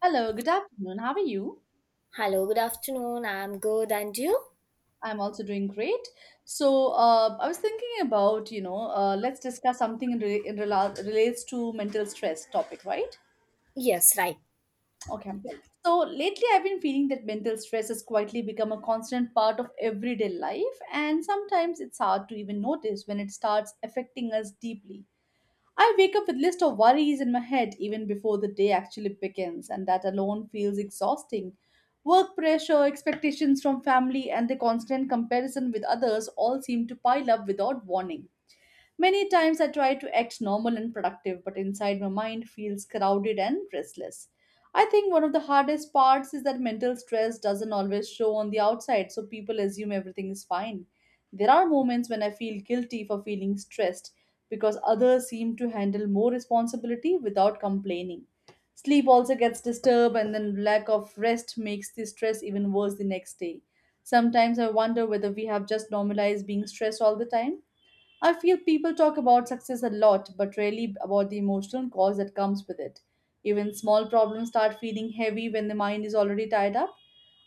Hello, good afternoon. How are you? Hello, good afternoon. I'm good, and you? I'm also doing great. I was thinking about, let's discuss something in, re- in rela- relates to mental stress topic, right? Yes, right. Okay. So, lately I've been feeling that mental stress has quietly become a constant part of everyday life, and sometimes it's hard to even notice when it starts affecting us deeply. I wake up with list of worries in my head even before the day actually begins, and that alone feels exhausting. Work pressure, expectations from family, and the constant comparison with others all seem to pile up without warning. Many times I try to act normal and productive, but inside my mind feels crowded and restless. I think one of the hardest parts is that mental stress doesn't always show on the outside, so people assume everything is fine. There are moments when I feel guilty for feeling stressed because others seem to handle more responsibility without complaining. Sleep also gets disturbed, and then lack of rest makes the stress even worse the next day. Sometimes I wonder whether we have just normalized being stressed all the time. I feel people talk about success a lot, but rarely about the emotional cause that comes with it. Even small problems start feeling heavy when the mind is already tied up.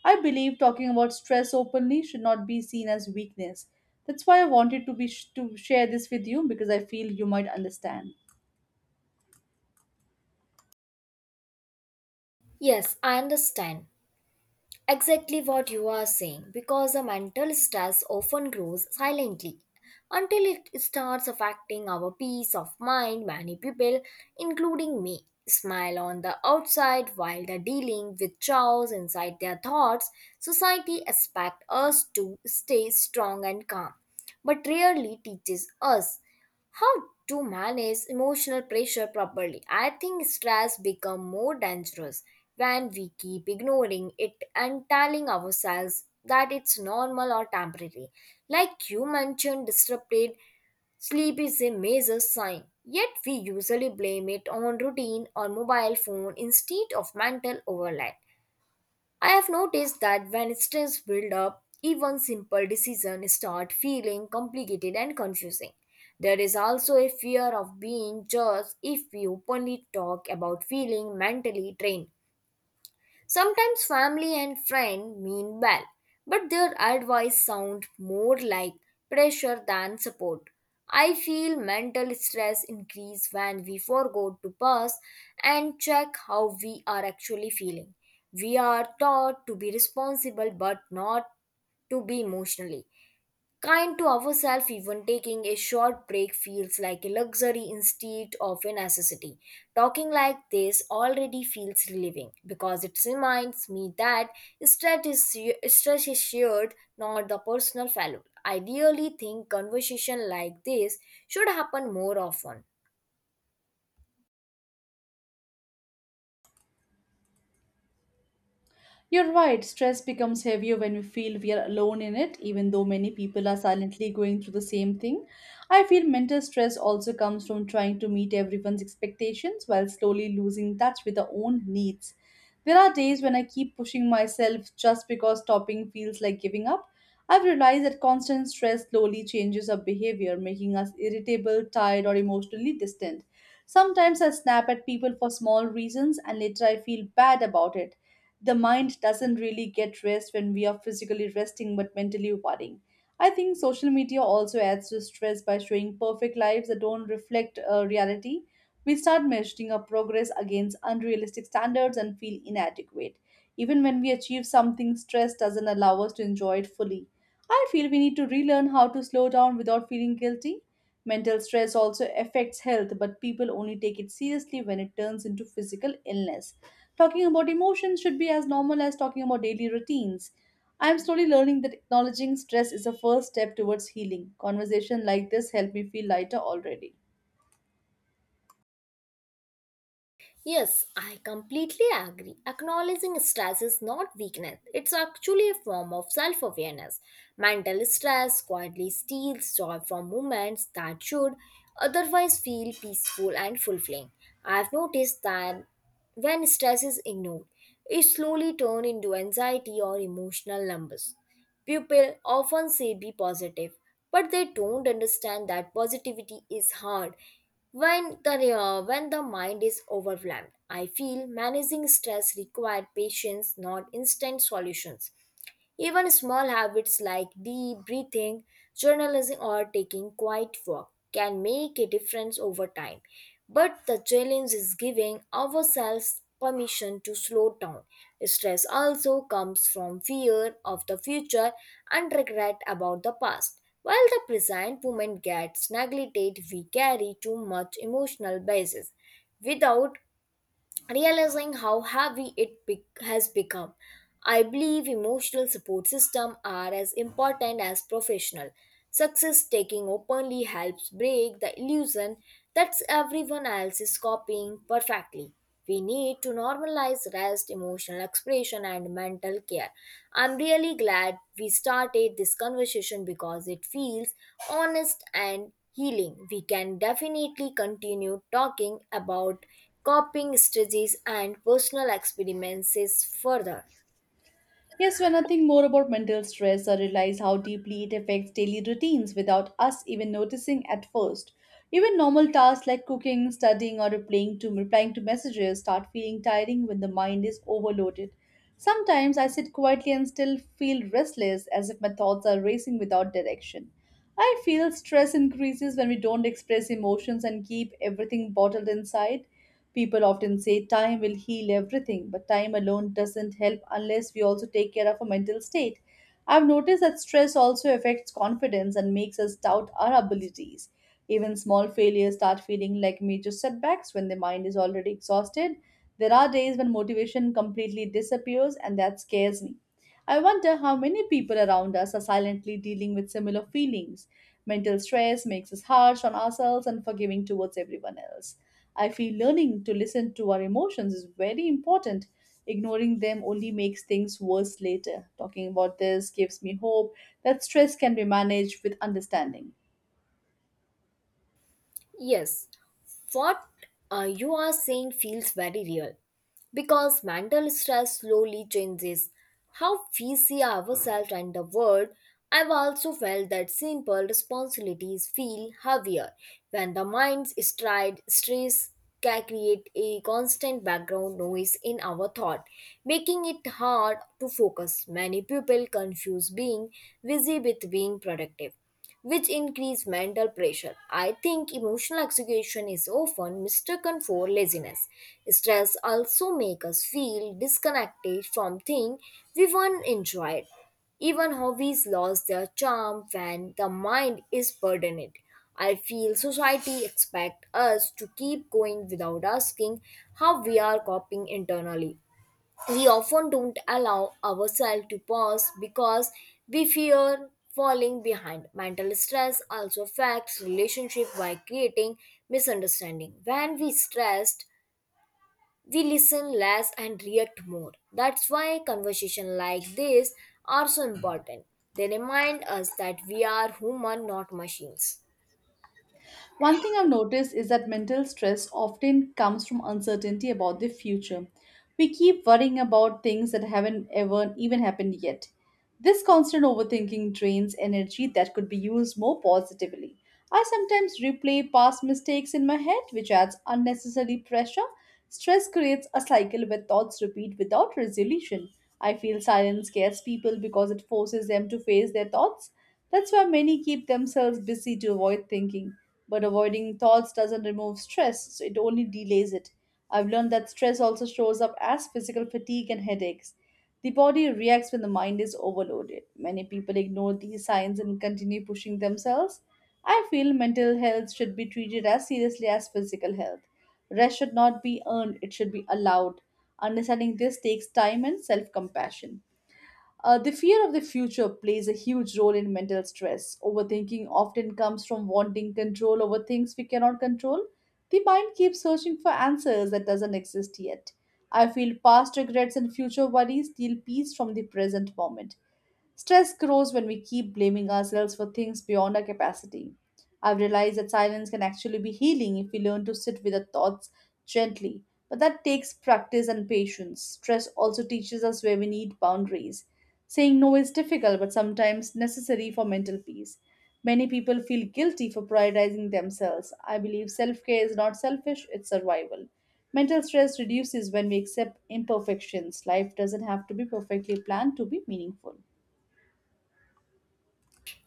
I believe talking about stress openly should not be seen as weakness. That's why I wanted to share this with you because I feel you might understand. Yes, I understand exactly what you are saying because the mental stress often grows silently until it starts affecting our peace of mind. Many people, including me, smile on the outside while they're dealing with chaos inside their thoughts. Society expects us to stay strong and calm, but rarely teaches us how to manage emotional pressure properly. I think stress become more dangerous when we keep ignoring it and telling ourselves that it's normal or temporary. Like you mentioned, disrupted sleep is a major sign, yet we usually blame it on routine or mobile phone instead of mental overload. I have noticed that when stress builds up, even simple decisions start feeling complicated and confusing. There is also a fear of being judged if we openly talk about feeling mentally drained. Sometimes family and friend mean well, but their advice sound more like pressure than support. I feel mental stress increase when we forego to pause and check how we are actually feeling. We are taught to be responsible but not to be emotionally. Kind to ourselves, even taking a short break feels like a luxury instead of a necessity. Talking like this already feels relieving because it reminds me that stress is shared, not the personal fellow. I really think conversation like this should happen more often. You're right, stress becomes heavier when we feel we are alone in it, even though many people are silently going through the same thing. I feel mental stress also comes from trying to meet everyone's expectations while slowly losing touch with our own needs. There are days when I keep pushing myself just because stopping feels like giving up. I've realized that constant stress slowly changes our behavior, making us irritable, tired, or emotionally distant. Sometimes I snap at people for small reasons and later I feel bad about it. The mind doesn't really get rest when we are physically resting but mentally worrying. I think social media also adds to stress by showing perfect lives that don't reflect reality. We start measuring our progress against unrealistic standards and feel inadequate. Even when we achieve something, stress doesn't allow us to enjoy it fully. I feel we need to relearn how to slow down without feeling guilty. Mental stress also affects health, but people only take it seriously when it turns into physical illness. Talking about emotions should be as normal as talking about daily routines. I am slowly learning that acknowledging stress is a first step towards healing. Conversation like this helped me feel lighter already. Yes, I completely agree. Acknowledging stress is not weakness, it's actually a form of self awareness. Mental stress quietly steals joy from moments that should otherwise feel peaceful and fulfilling. I've noticed that when stress is ignored, it slowly turns into anxiety or emotional numbness. People often say be positive, but they don't understand that positivity is hard when the mind is overwhelmed. I feel managing stress required patience, not instant solutions. Even small habits like deep breathing, journalism, or taking quiet walk can make a difference over time. But the challenge is giving ourselves permission to slow down. Stress also comes from fear of the future and regret about the past. While the present moment gets neglected, we carry too much emotional basis without realizing how heavy it has become. I believe emotional support systems are as important as professional. Success taking openly helps break the illusion that everyone else is copying perfectly. We need to normalize rest, emotional expression, and mental care. I'm really glad we started this conversation because it feels honest and healing. We can definitely continue talking about coping strategies and personal experiences further. Yes, when I think more about mental stress, I realize how deeply it affects daily routines without us even noticing at first. Even normal tasks like cooking, studying, or replying to messages start feeling tiring when the mind is overloaded. Sometimes I sit quietly and still feel restless as if my thoughts are racing without direction. I feel stress increases when we don't express emotions and keep everything bottled inside. People often say time will heal everything, but time alone doesn't help unless we also take care of our mental state. I've noticed that stress also affects confidence and makes us doubt our abilities. Even small failures start feeling like major setbacks when the mind is already exhausted. There are days when motivation completely disappears, and that scares me. I wonder how many people around us are silently dealing with similar feelings. Mental stress makes us harsh on ourselves and forgiving towards everyone else. I feel learning to listen to our emotions is very important. Ignoring them only makes things worse later. Talking about this gives me hope that stress can be managed with understanding. Yes, what you are saying feels very real, because mental stress slowly changes how we see ourselves and the world. I've also felt that simple responsibilities feel heavier when the mind's stride. Stress can create a constant background noise in our thought, making it hard to focus. Many people confuse being busy with being productive, which increase mental pressure. I think emotional exhaustion is often mistaken for laziness. Stress also makes us feel disconnected from things we once enjoyed. Even hobbies lose their charm when the mind is burdened. I feel society expects us to keep going without asking how we are coping internally. We often don't allow ourselves to pause because we fear falling behind. Mental stress also affects relationship by creating misunderstanding. When we stressed, we listen less and react more. That's why conversations like this are so important. They remind us that we are human, not machines. One thing I've noticed is that mental stress often comes from uncertainty about the future. We keep worrying about things that haven't ever even happened yet. This constant overthinking drains energy that could be used more positively. I sometimes replay past mistakes in my head, which adds unnecessary pressure. Stress creates a cycle where thoughts repeat without resolution. I feel silence scares people because it forces them to face their thoughts. That's why many keep themselves busy to avoid thinking. But avoiding thoughts doesn't remove stress, so it only delays it. I've learned that stress also shows up as physical fatigue and headaches. The body reacts when the mind is overloaded. Many people ignore these signs and continue pushing themselves. I feel mental health should be treated as seriously as physical health. Rest should not be earned, it should be allowed. Understanding this takes time and self compassion. The fear of the future plays a huge role in mental stress. Overthinking often comes from wanting control over things we cannot control. The mind keeps searching for answers that doesn't exist yet. I feel past regrets and future worries steal peace from the present moment. Stress grows when we keep blaming ourselves for things beyond our capacity. I've realized that silence can actually be healing if we learn to sit with our thoughts gently, but that takes practice and patience. Stress also teaches us where we need boundaries. Saying no is difficult but sometimes necessary for mental peace. Many people feel guilty for prioritizing themselves. I believe self care is not selfish, it's survival. Mental stress reduces when we accept imperfections. Life doesn't have to be perfectly planned to be meaningful.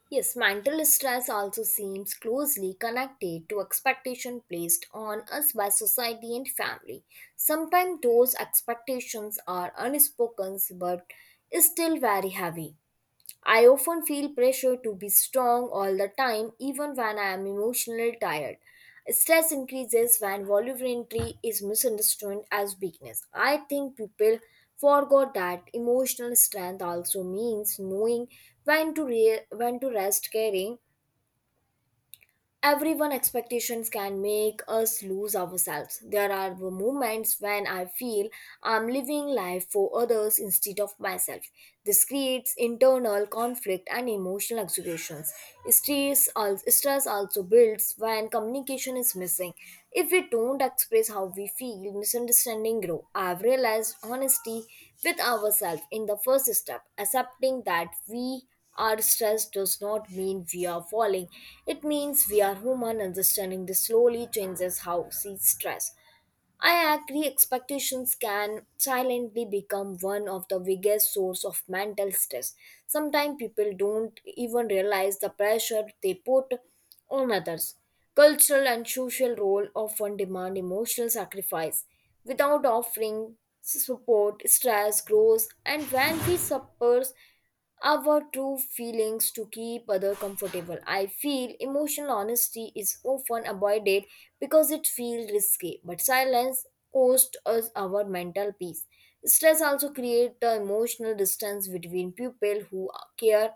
Yes, mental stress also seems closely connected to expectation placed on us by society and family. Sometimes those expectations are unspoken but still very heavy. I often feel pressure to be strong all the time, even when I am emotionally tired. Stress increases when vulnerability is misunderstood as weakness. I think people forgot that emotional strength also means knowing when to rest. Caring everyone expectations can make us lose ourselves. There are the moments when I feel I'm living life for others instead of myself. This creates internal conflict and emotional exhaustions. Stress also builds when communication is missing. If we don't express how we feel, misunderstanding grow. I've realized honesty with ourselves in the first step, accepting that we our stress does not mean we are falling. It means we are human. Understanding this slowly changes how we see stress. I agree expectations can silently become one of the biggest source of mental stress. Sometimes people don't even realize the pressure they put on others. Cultural and social role often demand emotional sacrifice. Without offering support, stress grows and when we suffer our true feelings to keep other comfortable. I feel emotional honesty is often avoided because it feels risky, but silence costs us our mental peace. Stress also creates the emotional distance between people who care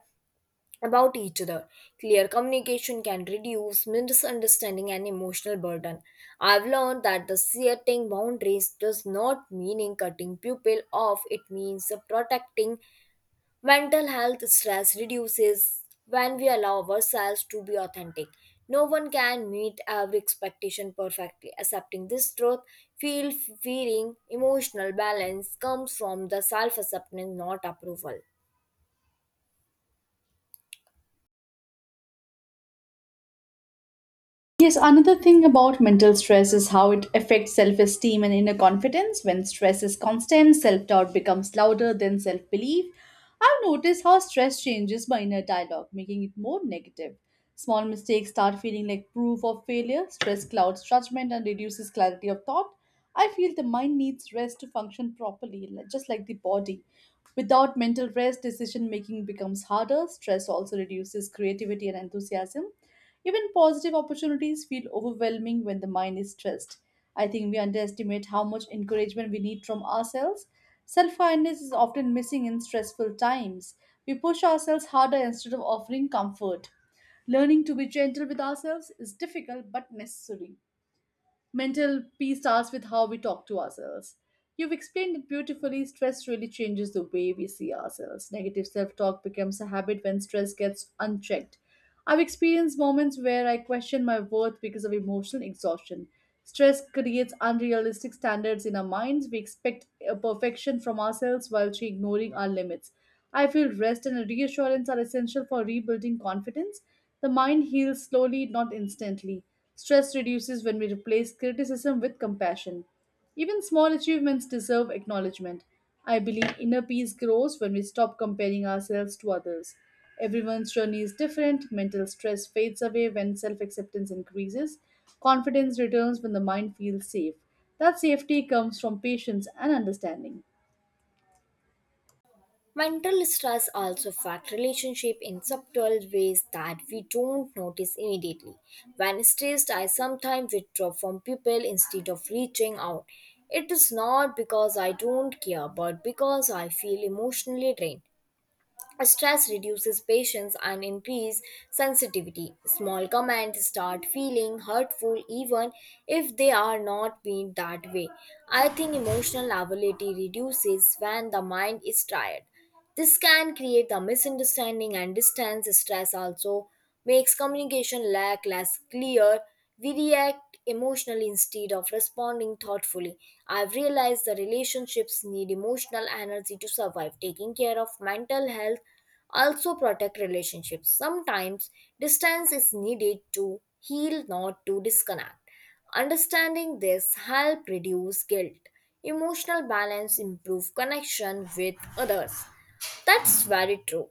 about each other. Clear communication can reduce misunderstanding and emotional burden. I've learned that the setting boundaries does not mean cutting people off, it means protecting. Mental health stress reduces when we allow ourselves to be authentic. No one can meet every expectation perfectly. Accepting this truth, feel feeling emotional balance comes from the self acceptance, not approval. Yes, another thing about mental stress is how it affects self esteem and inner confidence. When stress is constant, self doubt becomes louder than self belief. I've noticed how stress changes my inner dialogue, making it more negative. Small mistakes start feeling like proof of failure. Stress clouds judgment and reduces clarity of thought. I feel the mind needs rest to function properly, just like the body. Without mental rest, decision making becomes harder. Stress also reduces creativity and enthusiasm. Even positive opportunities feel overwhelming when the mind is stressed. I think we underestimate how much encouragement we need from ourselves. Self kindness is often missing in stressful times. We push ourselves harder instead of offering comfort. Learning to be gentle with ourselves is difficult but necessary. Mental peace starts with how we talk to ourselves. You've explained it beautifully. Stress really changes the way we see ourselves. Negative self talk becomes a habit when stress gets unchecked. I've experienced moments where I question my worth because of emotional exhaustion. Stress creates unrealistic standards in our minds. We expect perfection from ourselves while she ignoring our limits. I feel rest and reassurance are essential for rebuilding confidence. The mind heals slowly, not instantly. Stress reduces when we replace criticism with compassion. Even small achievements deserve acknowledgement. I believe inner peace grows when we stop comparing ourselves to others. Everyone's journey is different. Mental stress fades away when self acceptance increases. Confidence returns when the mind feels safe. That safety comes from patience and understanding. Mental stress also affects relationship in subtle ways that we don't notice immediately. When stressed, I sometimes withdraw from people instead of reaching out. It is not because I don't care, but because I feel emotionally drained. Stress reduces patience and increases sensitivity. Small comments start feeling hurtful even if they are not meant that way. I think emotional ability reduces when the mind is tired. This can create a misunderstanding and distance. Stress also makes communication lack less clear. We react emotionally instead of responding thoughtfully. I've realized the relationships need emotional energy to survive. Taking care of mental health also protect relationships. Sometimes distance is needed to heal, not to disconnect. Understanding this help reduce guilt. Emotional balance improve connection with others. That's very true,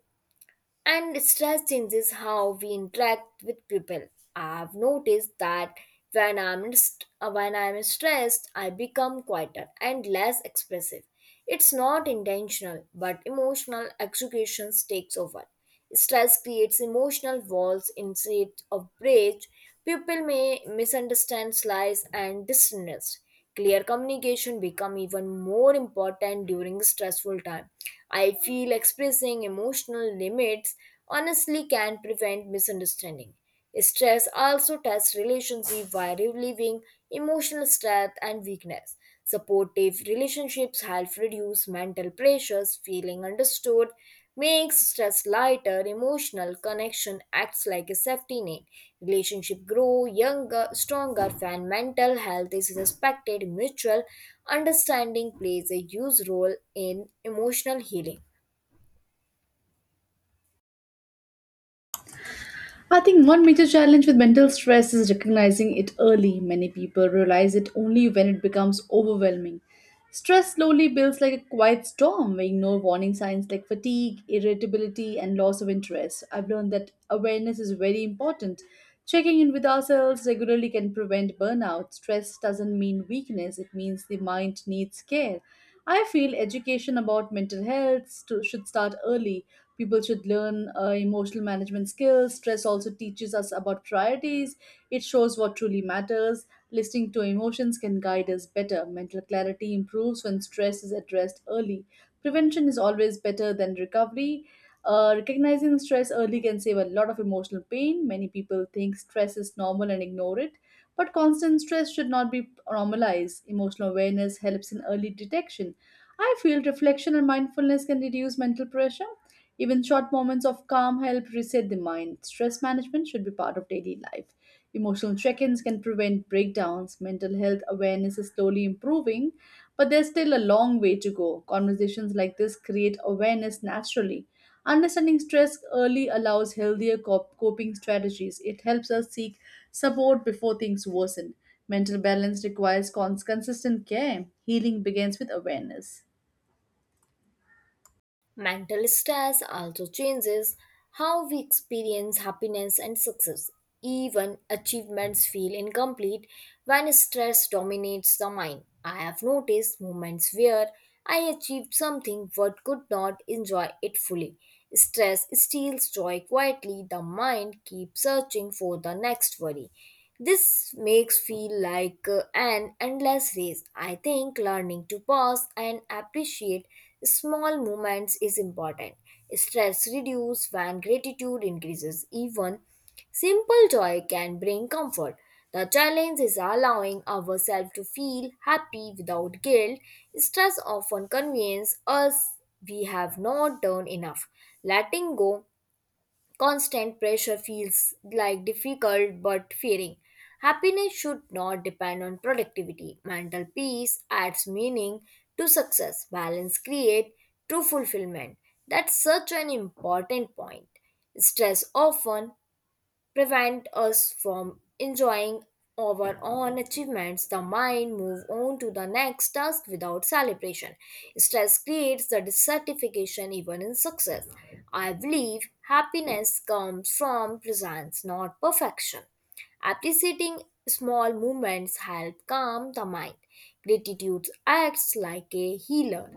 and stress changes how we interact with people. I've noticed that when I'm stressed, I become quieter and less expressive. It's not intentional, but emotional executions takes over. Stress creates emotional walls instead of bridge. People may misunderstand lies and dishonest. Clear communication become even more important during stressful time. I feel expressing emotional limits honestly can prevent misunderstanding. Stress also tests relationship by relieving emotional strength and weakness. Supportive relationships help reduce mental pressures. Feeling understood makes stress lighter. Emotional connection acts like a safety net. Relationship grow younger, stronger when mental health is respected. Mutual understanding plays a huge role in emotional healing. I think one major challenge with mental stress is recognizing it early. Many people realize it only when it becomes overwhelming. Stress slowly builds like a quiet storm. We ignore warning signs like fatigue, irritability, and loss of interest. I've learned that awareness is very important. Checking in with ourselves regularly can prevent burnout. Stress doesn't mean weakness, it means the mind needs care. I feel education about mental health should start early. People should learn emotional management skills. Stress also teaches us about priorities. It shows what truly matters. Listening to emotions can guide us better. Mental clarity improves when stress is addressed early. Prevention is always better than recovery. Recognizing stress early can save a lot of emotional pain. Many people think stress is normal and ignore it, but constant stress should not be normalized. Emotional awareness helps in early detection. I feel reflection and mindfulness can reduce mental pressure. Even short moments of calm help reset the mind. Stress management should be part of daily life. Emotional check ins can prevent breakdowns. Mental health awareness is slowly improving, but there's still a long way to go. Conversations like this create awareness naturally. Understanding stress early allows healthier coping strategies. It helps us seek support before things worsen. Mental balance requires consistent care. Healing begins with awareness. Mental stress also changes how we experience happiness and success. Even achievements feel incomplete when stress dominates the mind. I have noticed moments where I achieved something but could not enjoy it fully. Stress steals joy quietly. The mind keeps searching for the next worry. This makes feel like an endless race. I think learning to pause and appreciate small movements is important. Stress reduces when gratitude increases. Even simple joy can bring comfort. The challenge is allowing ourselves to feel happy without guilt. Stress often convinces us we have not done enough. Letting go constant pressure feels like difficult but fearing. Happiness should not depend on productivity. Mental peace adds meaning to success. Balance creates true fulfillment. That's such an important point. Stress often prevent us from enjoying our own achievements. The mind move on to the next task without celebration. Stress creates the dissatisfaction even in success. I believe happiness comes from presence, not perfection. Appreciating small moments help calm the mind. Gratitude acts like a healer.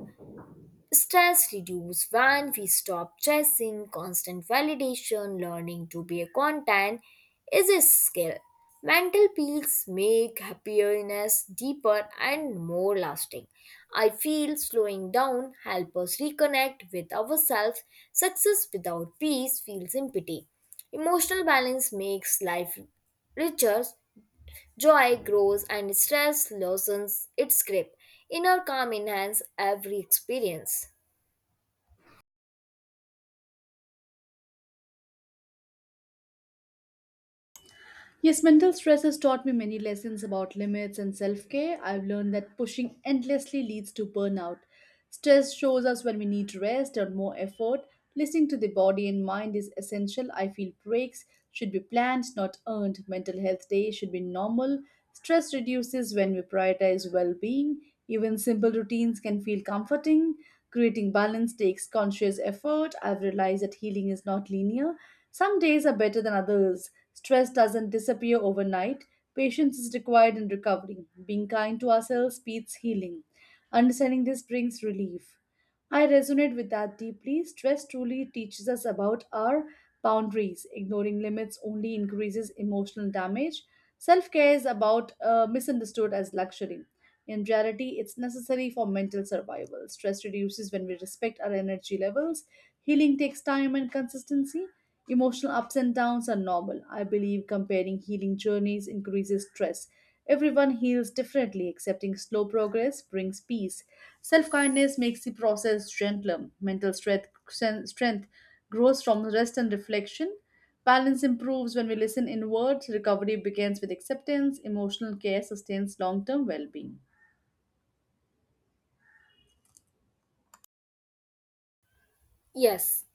Stress reduces when we stop chasing constant validation. Learning to be a content is a skill. Mental peace make happiness deeper and more lasting. I feel slowing down helps us reconnect with ourselves. Success without peace feels empty. Emotional balance makes life richer. Joy grows and stress loosens its grip. Inner calm enhances every experience. Yes, mental stress has taught me many lessons about limits and self care. I've learned that pushing endlessly leads to burnout. Stress shows us when we need rest or more effort. Listening to the body and mind is essential. I feel breaks should be planned, not earned. Mental health day should be normal. Stress reduces when we prioritize well being. Even simple routines can feel comforting. Creating balance takes conscious effort. I've realized that healing is not linear. Some days are better than others. Stress doesn't disappear overnight. Patience is required in recovery. Being kind to ourselves speeds healing. Understanding this brings relief. I resonate with that deeply. Stress truly teaches us about our boundaries. Ignoring limits only increases emotional damage. Self care is about misunderstood as luxury. In reality, it's necessary for mental survival. Stress reduces when we respect our energy levels. Healing takes time and consistency. Emotional ups and downs are normal. I believe comparing healing journeys increases stress. Everyone heals differently. Accepting slow progress brings peace. Self kindness makes the process gentler. Mental strength grows from rest and reflection. Balance improves when we listen inward. Recovery begins with acceptance. Emotional care sustains long term well being. Yes,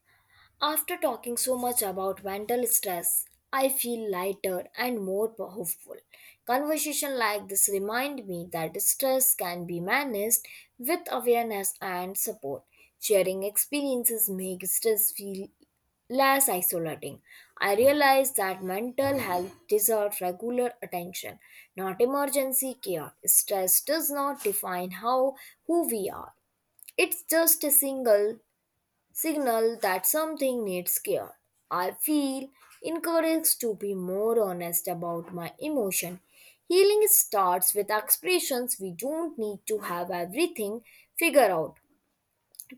after talking so much about mental stress, I feel lighter and more hopeful. Conversation like this remind me that stress can be managed with awareness and support. Sharing experiences make stress feel less isolating. I realize that mental health deserves regular attention, not emergency care. Stress does not define how who we are. It's just a single signal that something needs care. I feel encouraged to be more honest about my emotion. Healing starts with expressions. We don't need to have everything figured out.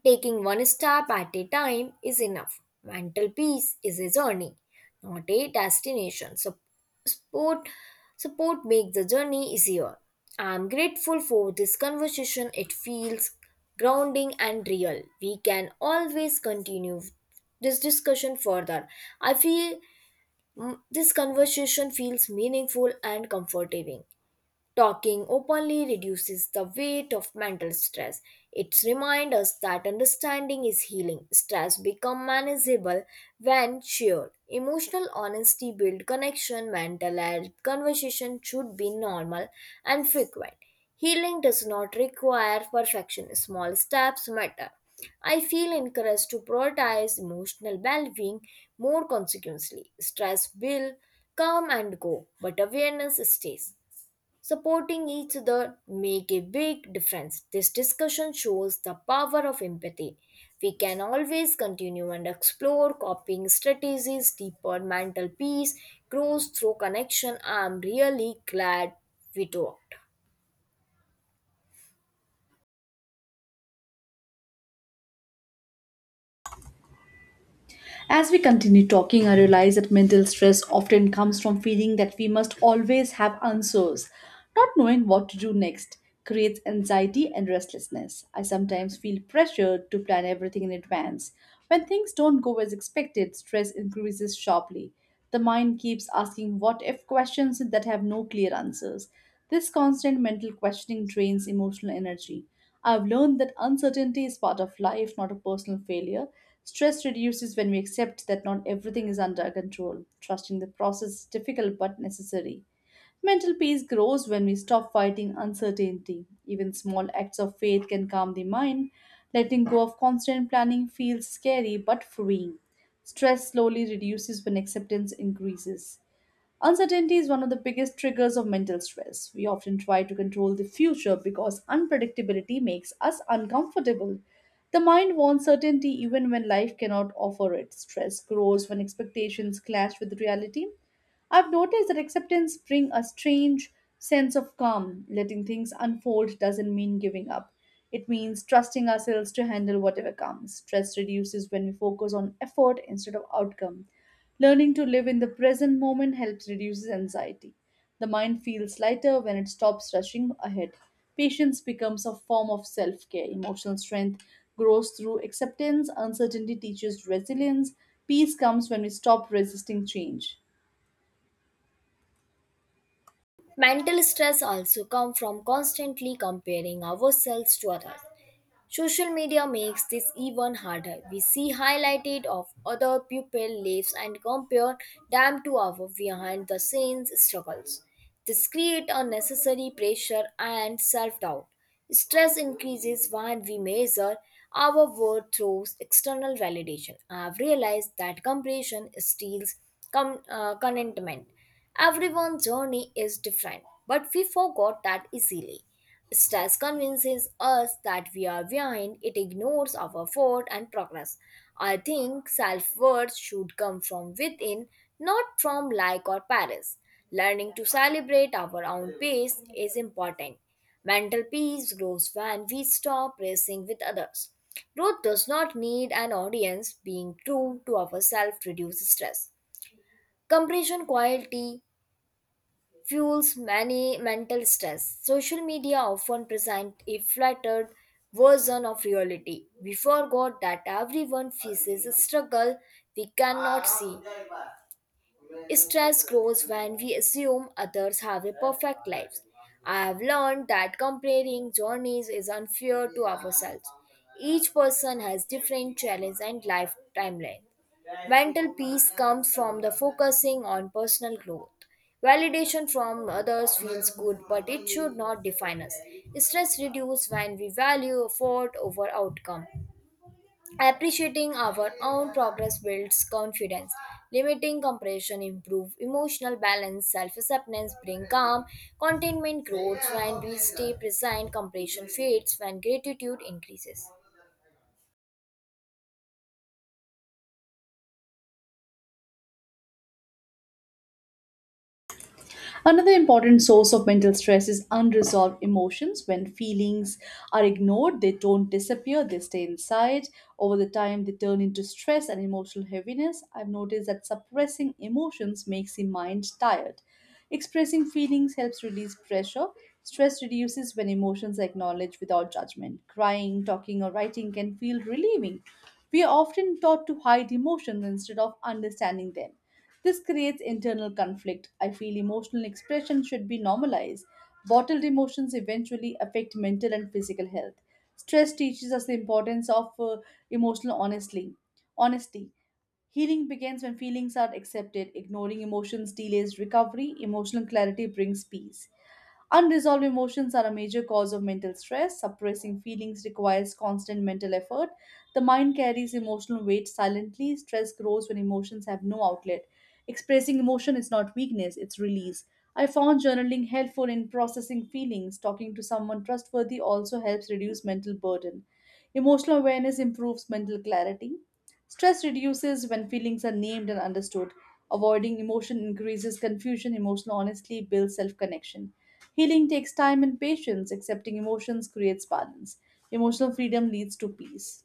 Taking one step at a time is enough. Mental peace is a journey, not a destination. So, support, support makes the journey easier. I'm grateful for this conversation. It feels grounding and real. We can always continue this discussion further. I feel this conversation feels meaningful and comforting. Talking openly reduces the weight of mental stress. It reminds us that understanding is healing. Stress becomes manageable when shared. Emotional honesty builds connection. Mental health conversation should be normal and frequent. Healing does not require perfection. Small steps matter. I feel encouraged to prioritize emotional well-being more consequently. Stress will come and go, but awareness stays. Supporting each other make a big difference. This discussion shows the power of empathy. We can always continue and explore coping strategies deeper. Mental peace grows through connection. I'm really glad we talked. As we continue talking, I realize that mental stress often comes from feeling that we must always have answers. Not knowing what to do next creates anxiety and restlessness. I sometimes feel pressured to plan everything in advance. When things don't go as expected, stress increases sharply. The mind keeps asking what if questions that have no clear answers. This constant mental questioning drains emotional energy. I've learned that uncertainty is part of life, not a personal failure. Stress reduces when we accept that not everything is under our control. Trusting the process is difficult but necessary. Mental peace grows when we stop fighting uncertainty. Even small acts of faith can calm the mind. Letting go of constant planning feels scary but freeing. Stress slowly reduces when acceptance increases. Uncertainty is one of the biggest triggers of mental stress. We often try to control the future because unpredictability makes us uncomfortable. The mind wants certainty even when life cannot offer it. Stress grows when expectations clash with reality. I've noticed that acceptance brings a strange sense of calm. Letting things unfold doesn't mean giving up. It means trusting ourselves to handle whatever comes. Stress reduces when we focus on effort instead of outcome. Learning to live in the present moment helps reduces anxiety. The mind feels lighter when it stops rushing ahead. Patience becomes a form of self care. Emotional strength grows through acceptance. Uncertainty teaches resilience. Peace comes when we stop resisting change. Mental stress also comes from constantly comparing ourselves to others. Social media makes this even harder. We see highlighted of other people lives and compare them to our behind the scenes struggles. This creates unnecessary pressure and self-doubt. Stress increases when we measure our worth through external validation. I have realized that comparison steals contentment. Everyone's journey is different, but we forgot that easily. Stress convinces us that we are behind, it ignores our effort and progress. I think self worth should come from within, not from like or Paris. Learning to celebrate our own pace is important. Mental peace grows when we stop racing with others. Growth does not need an audience, being true to ourselves reduces stress. Compression quality fuels many mental stress. Social media often present a flattered version of reality. We forgot that everyone faces a struggle we cannot see. Stress grows when we assume others have a perfect lives. I have learned that comparing journeys is unfair to ourselves. Each person has different challenges and life timeline. Mental peace comes from the focusing on personal growth. Validation from others feels good, but it should not define us. Stress reduces when we value effort over outcome. Appreciating our own progress builds confidence. Limiting compression improve emotional balance. Self-acceptance bring calm. Contentment grows when we stay present. Compression fades when gratitude increases. Another important source of mental stress is unresolved emotions. When feelings are ignored, they don't disappear, they stay inside. Over the time, they turn into stress and emotional heaviness. I've noticed that suppressing emotions makes the mind tired. Expressing feelings helps release pressure. Stress reduces when emotions are acknowledged without judgment. Crying, talking, or writing can feel relieving. We are often taught to hide emotions instead of understanding them. This creates internal conflict. I feel emotional expression should be normalized. Bottled emotions eventually affect mental and physical health. Stress teaches us the importance of emotional honestly. Honesty. Healing begins when feelings are accepted. Ignoring emotions delays recovery. Emotional clarity brings peace. Unresolved emotions are a major cause of mental stress. Suppressing feelings requires constant mental effort. The mind carries emotional weight silently. Stress grows when emotions have no outlet. Expressing emotion is not weakness, it's release. I found journaling helpful in processing feelings. Talking to someone trustworthy also helps reduce mental burden. Emotional awareness improves mental clarity. Stress reduces when feelings are named and understood. Avoiding emotion increases confusion. Emotional honesty builds self connection. Healing takes time and patience. Accepting emotions creates balance. Emotional freedom leads to peace.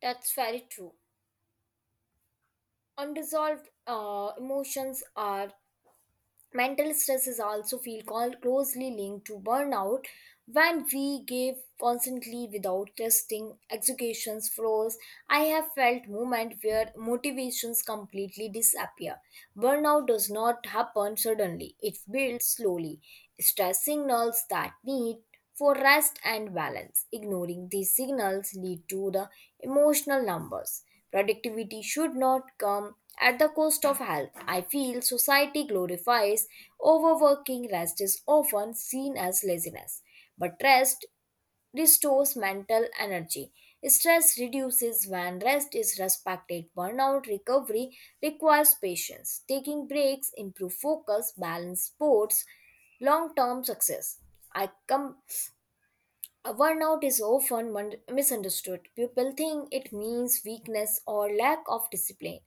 That's very true. Unresolved emotions are mental stress is also feel call closely linked to burnout when we give constantly without testing executions froze. I have felt moment where motivations completely disappear. Burnout does not happen suddenly, it builds slowly. Stress signals that need for rest and balance. Ignoring these signals lead to the emotional numbers. Productivity should not come at the cost of health. I feel society glorifies overworking. Rest is often seen as laziness, but rest restores mental energy. Stress reduces when rest is respected. Burnout recovery requires patience. Taking breaks improve focus, balance sports, long-term success. I come a burnout is often misunderstood. People think it means weakness or lack of discipline.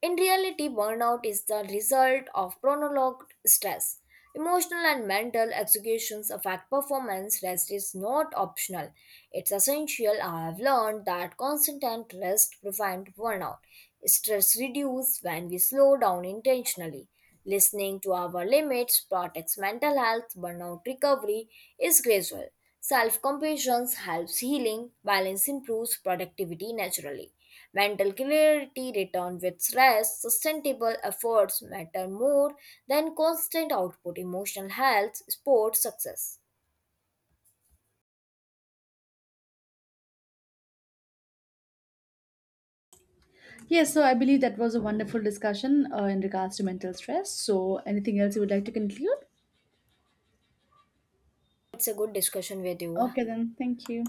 In reality, burnout is the result of prolonged stress. Emotional and mental executions affect performance. Rest is not optional, it's essential. I have learned that constant rest prevents burnout. Stress reduces when we slow down intentionally. Listening to our limits protects mental health. Burnout recovery is gradual. Self compassion helps healing, balance improves productivity naturally. Mental clarity returns with rest, sustainable efforts matter more than constant output, emotional health, sports success. Yes, so I believe that was a wonderful discussion in regards to mental stress. So, anything else you would like to conclude? It's a good discussion with you. Okay, then, thank you.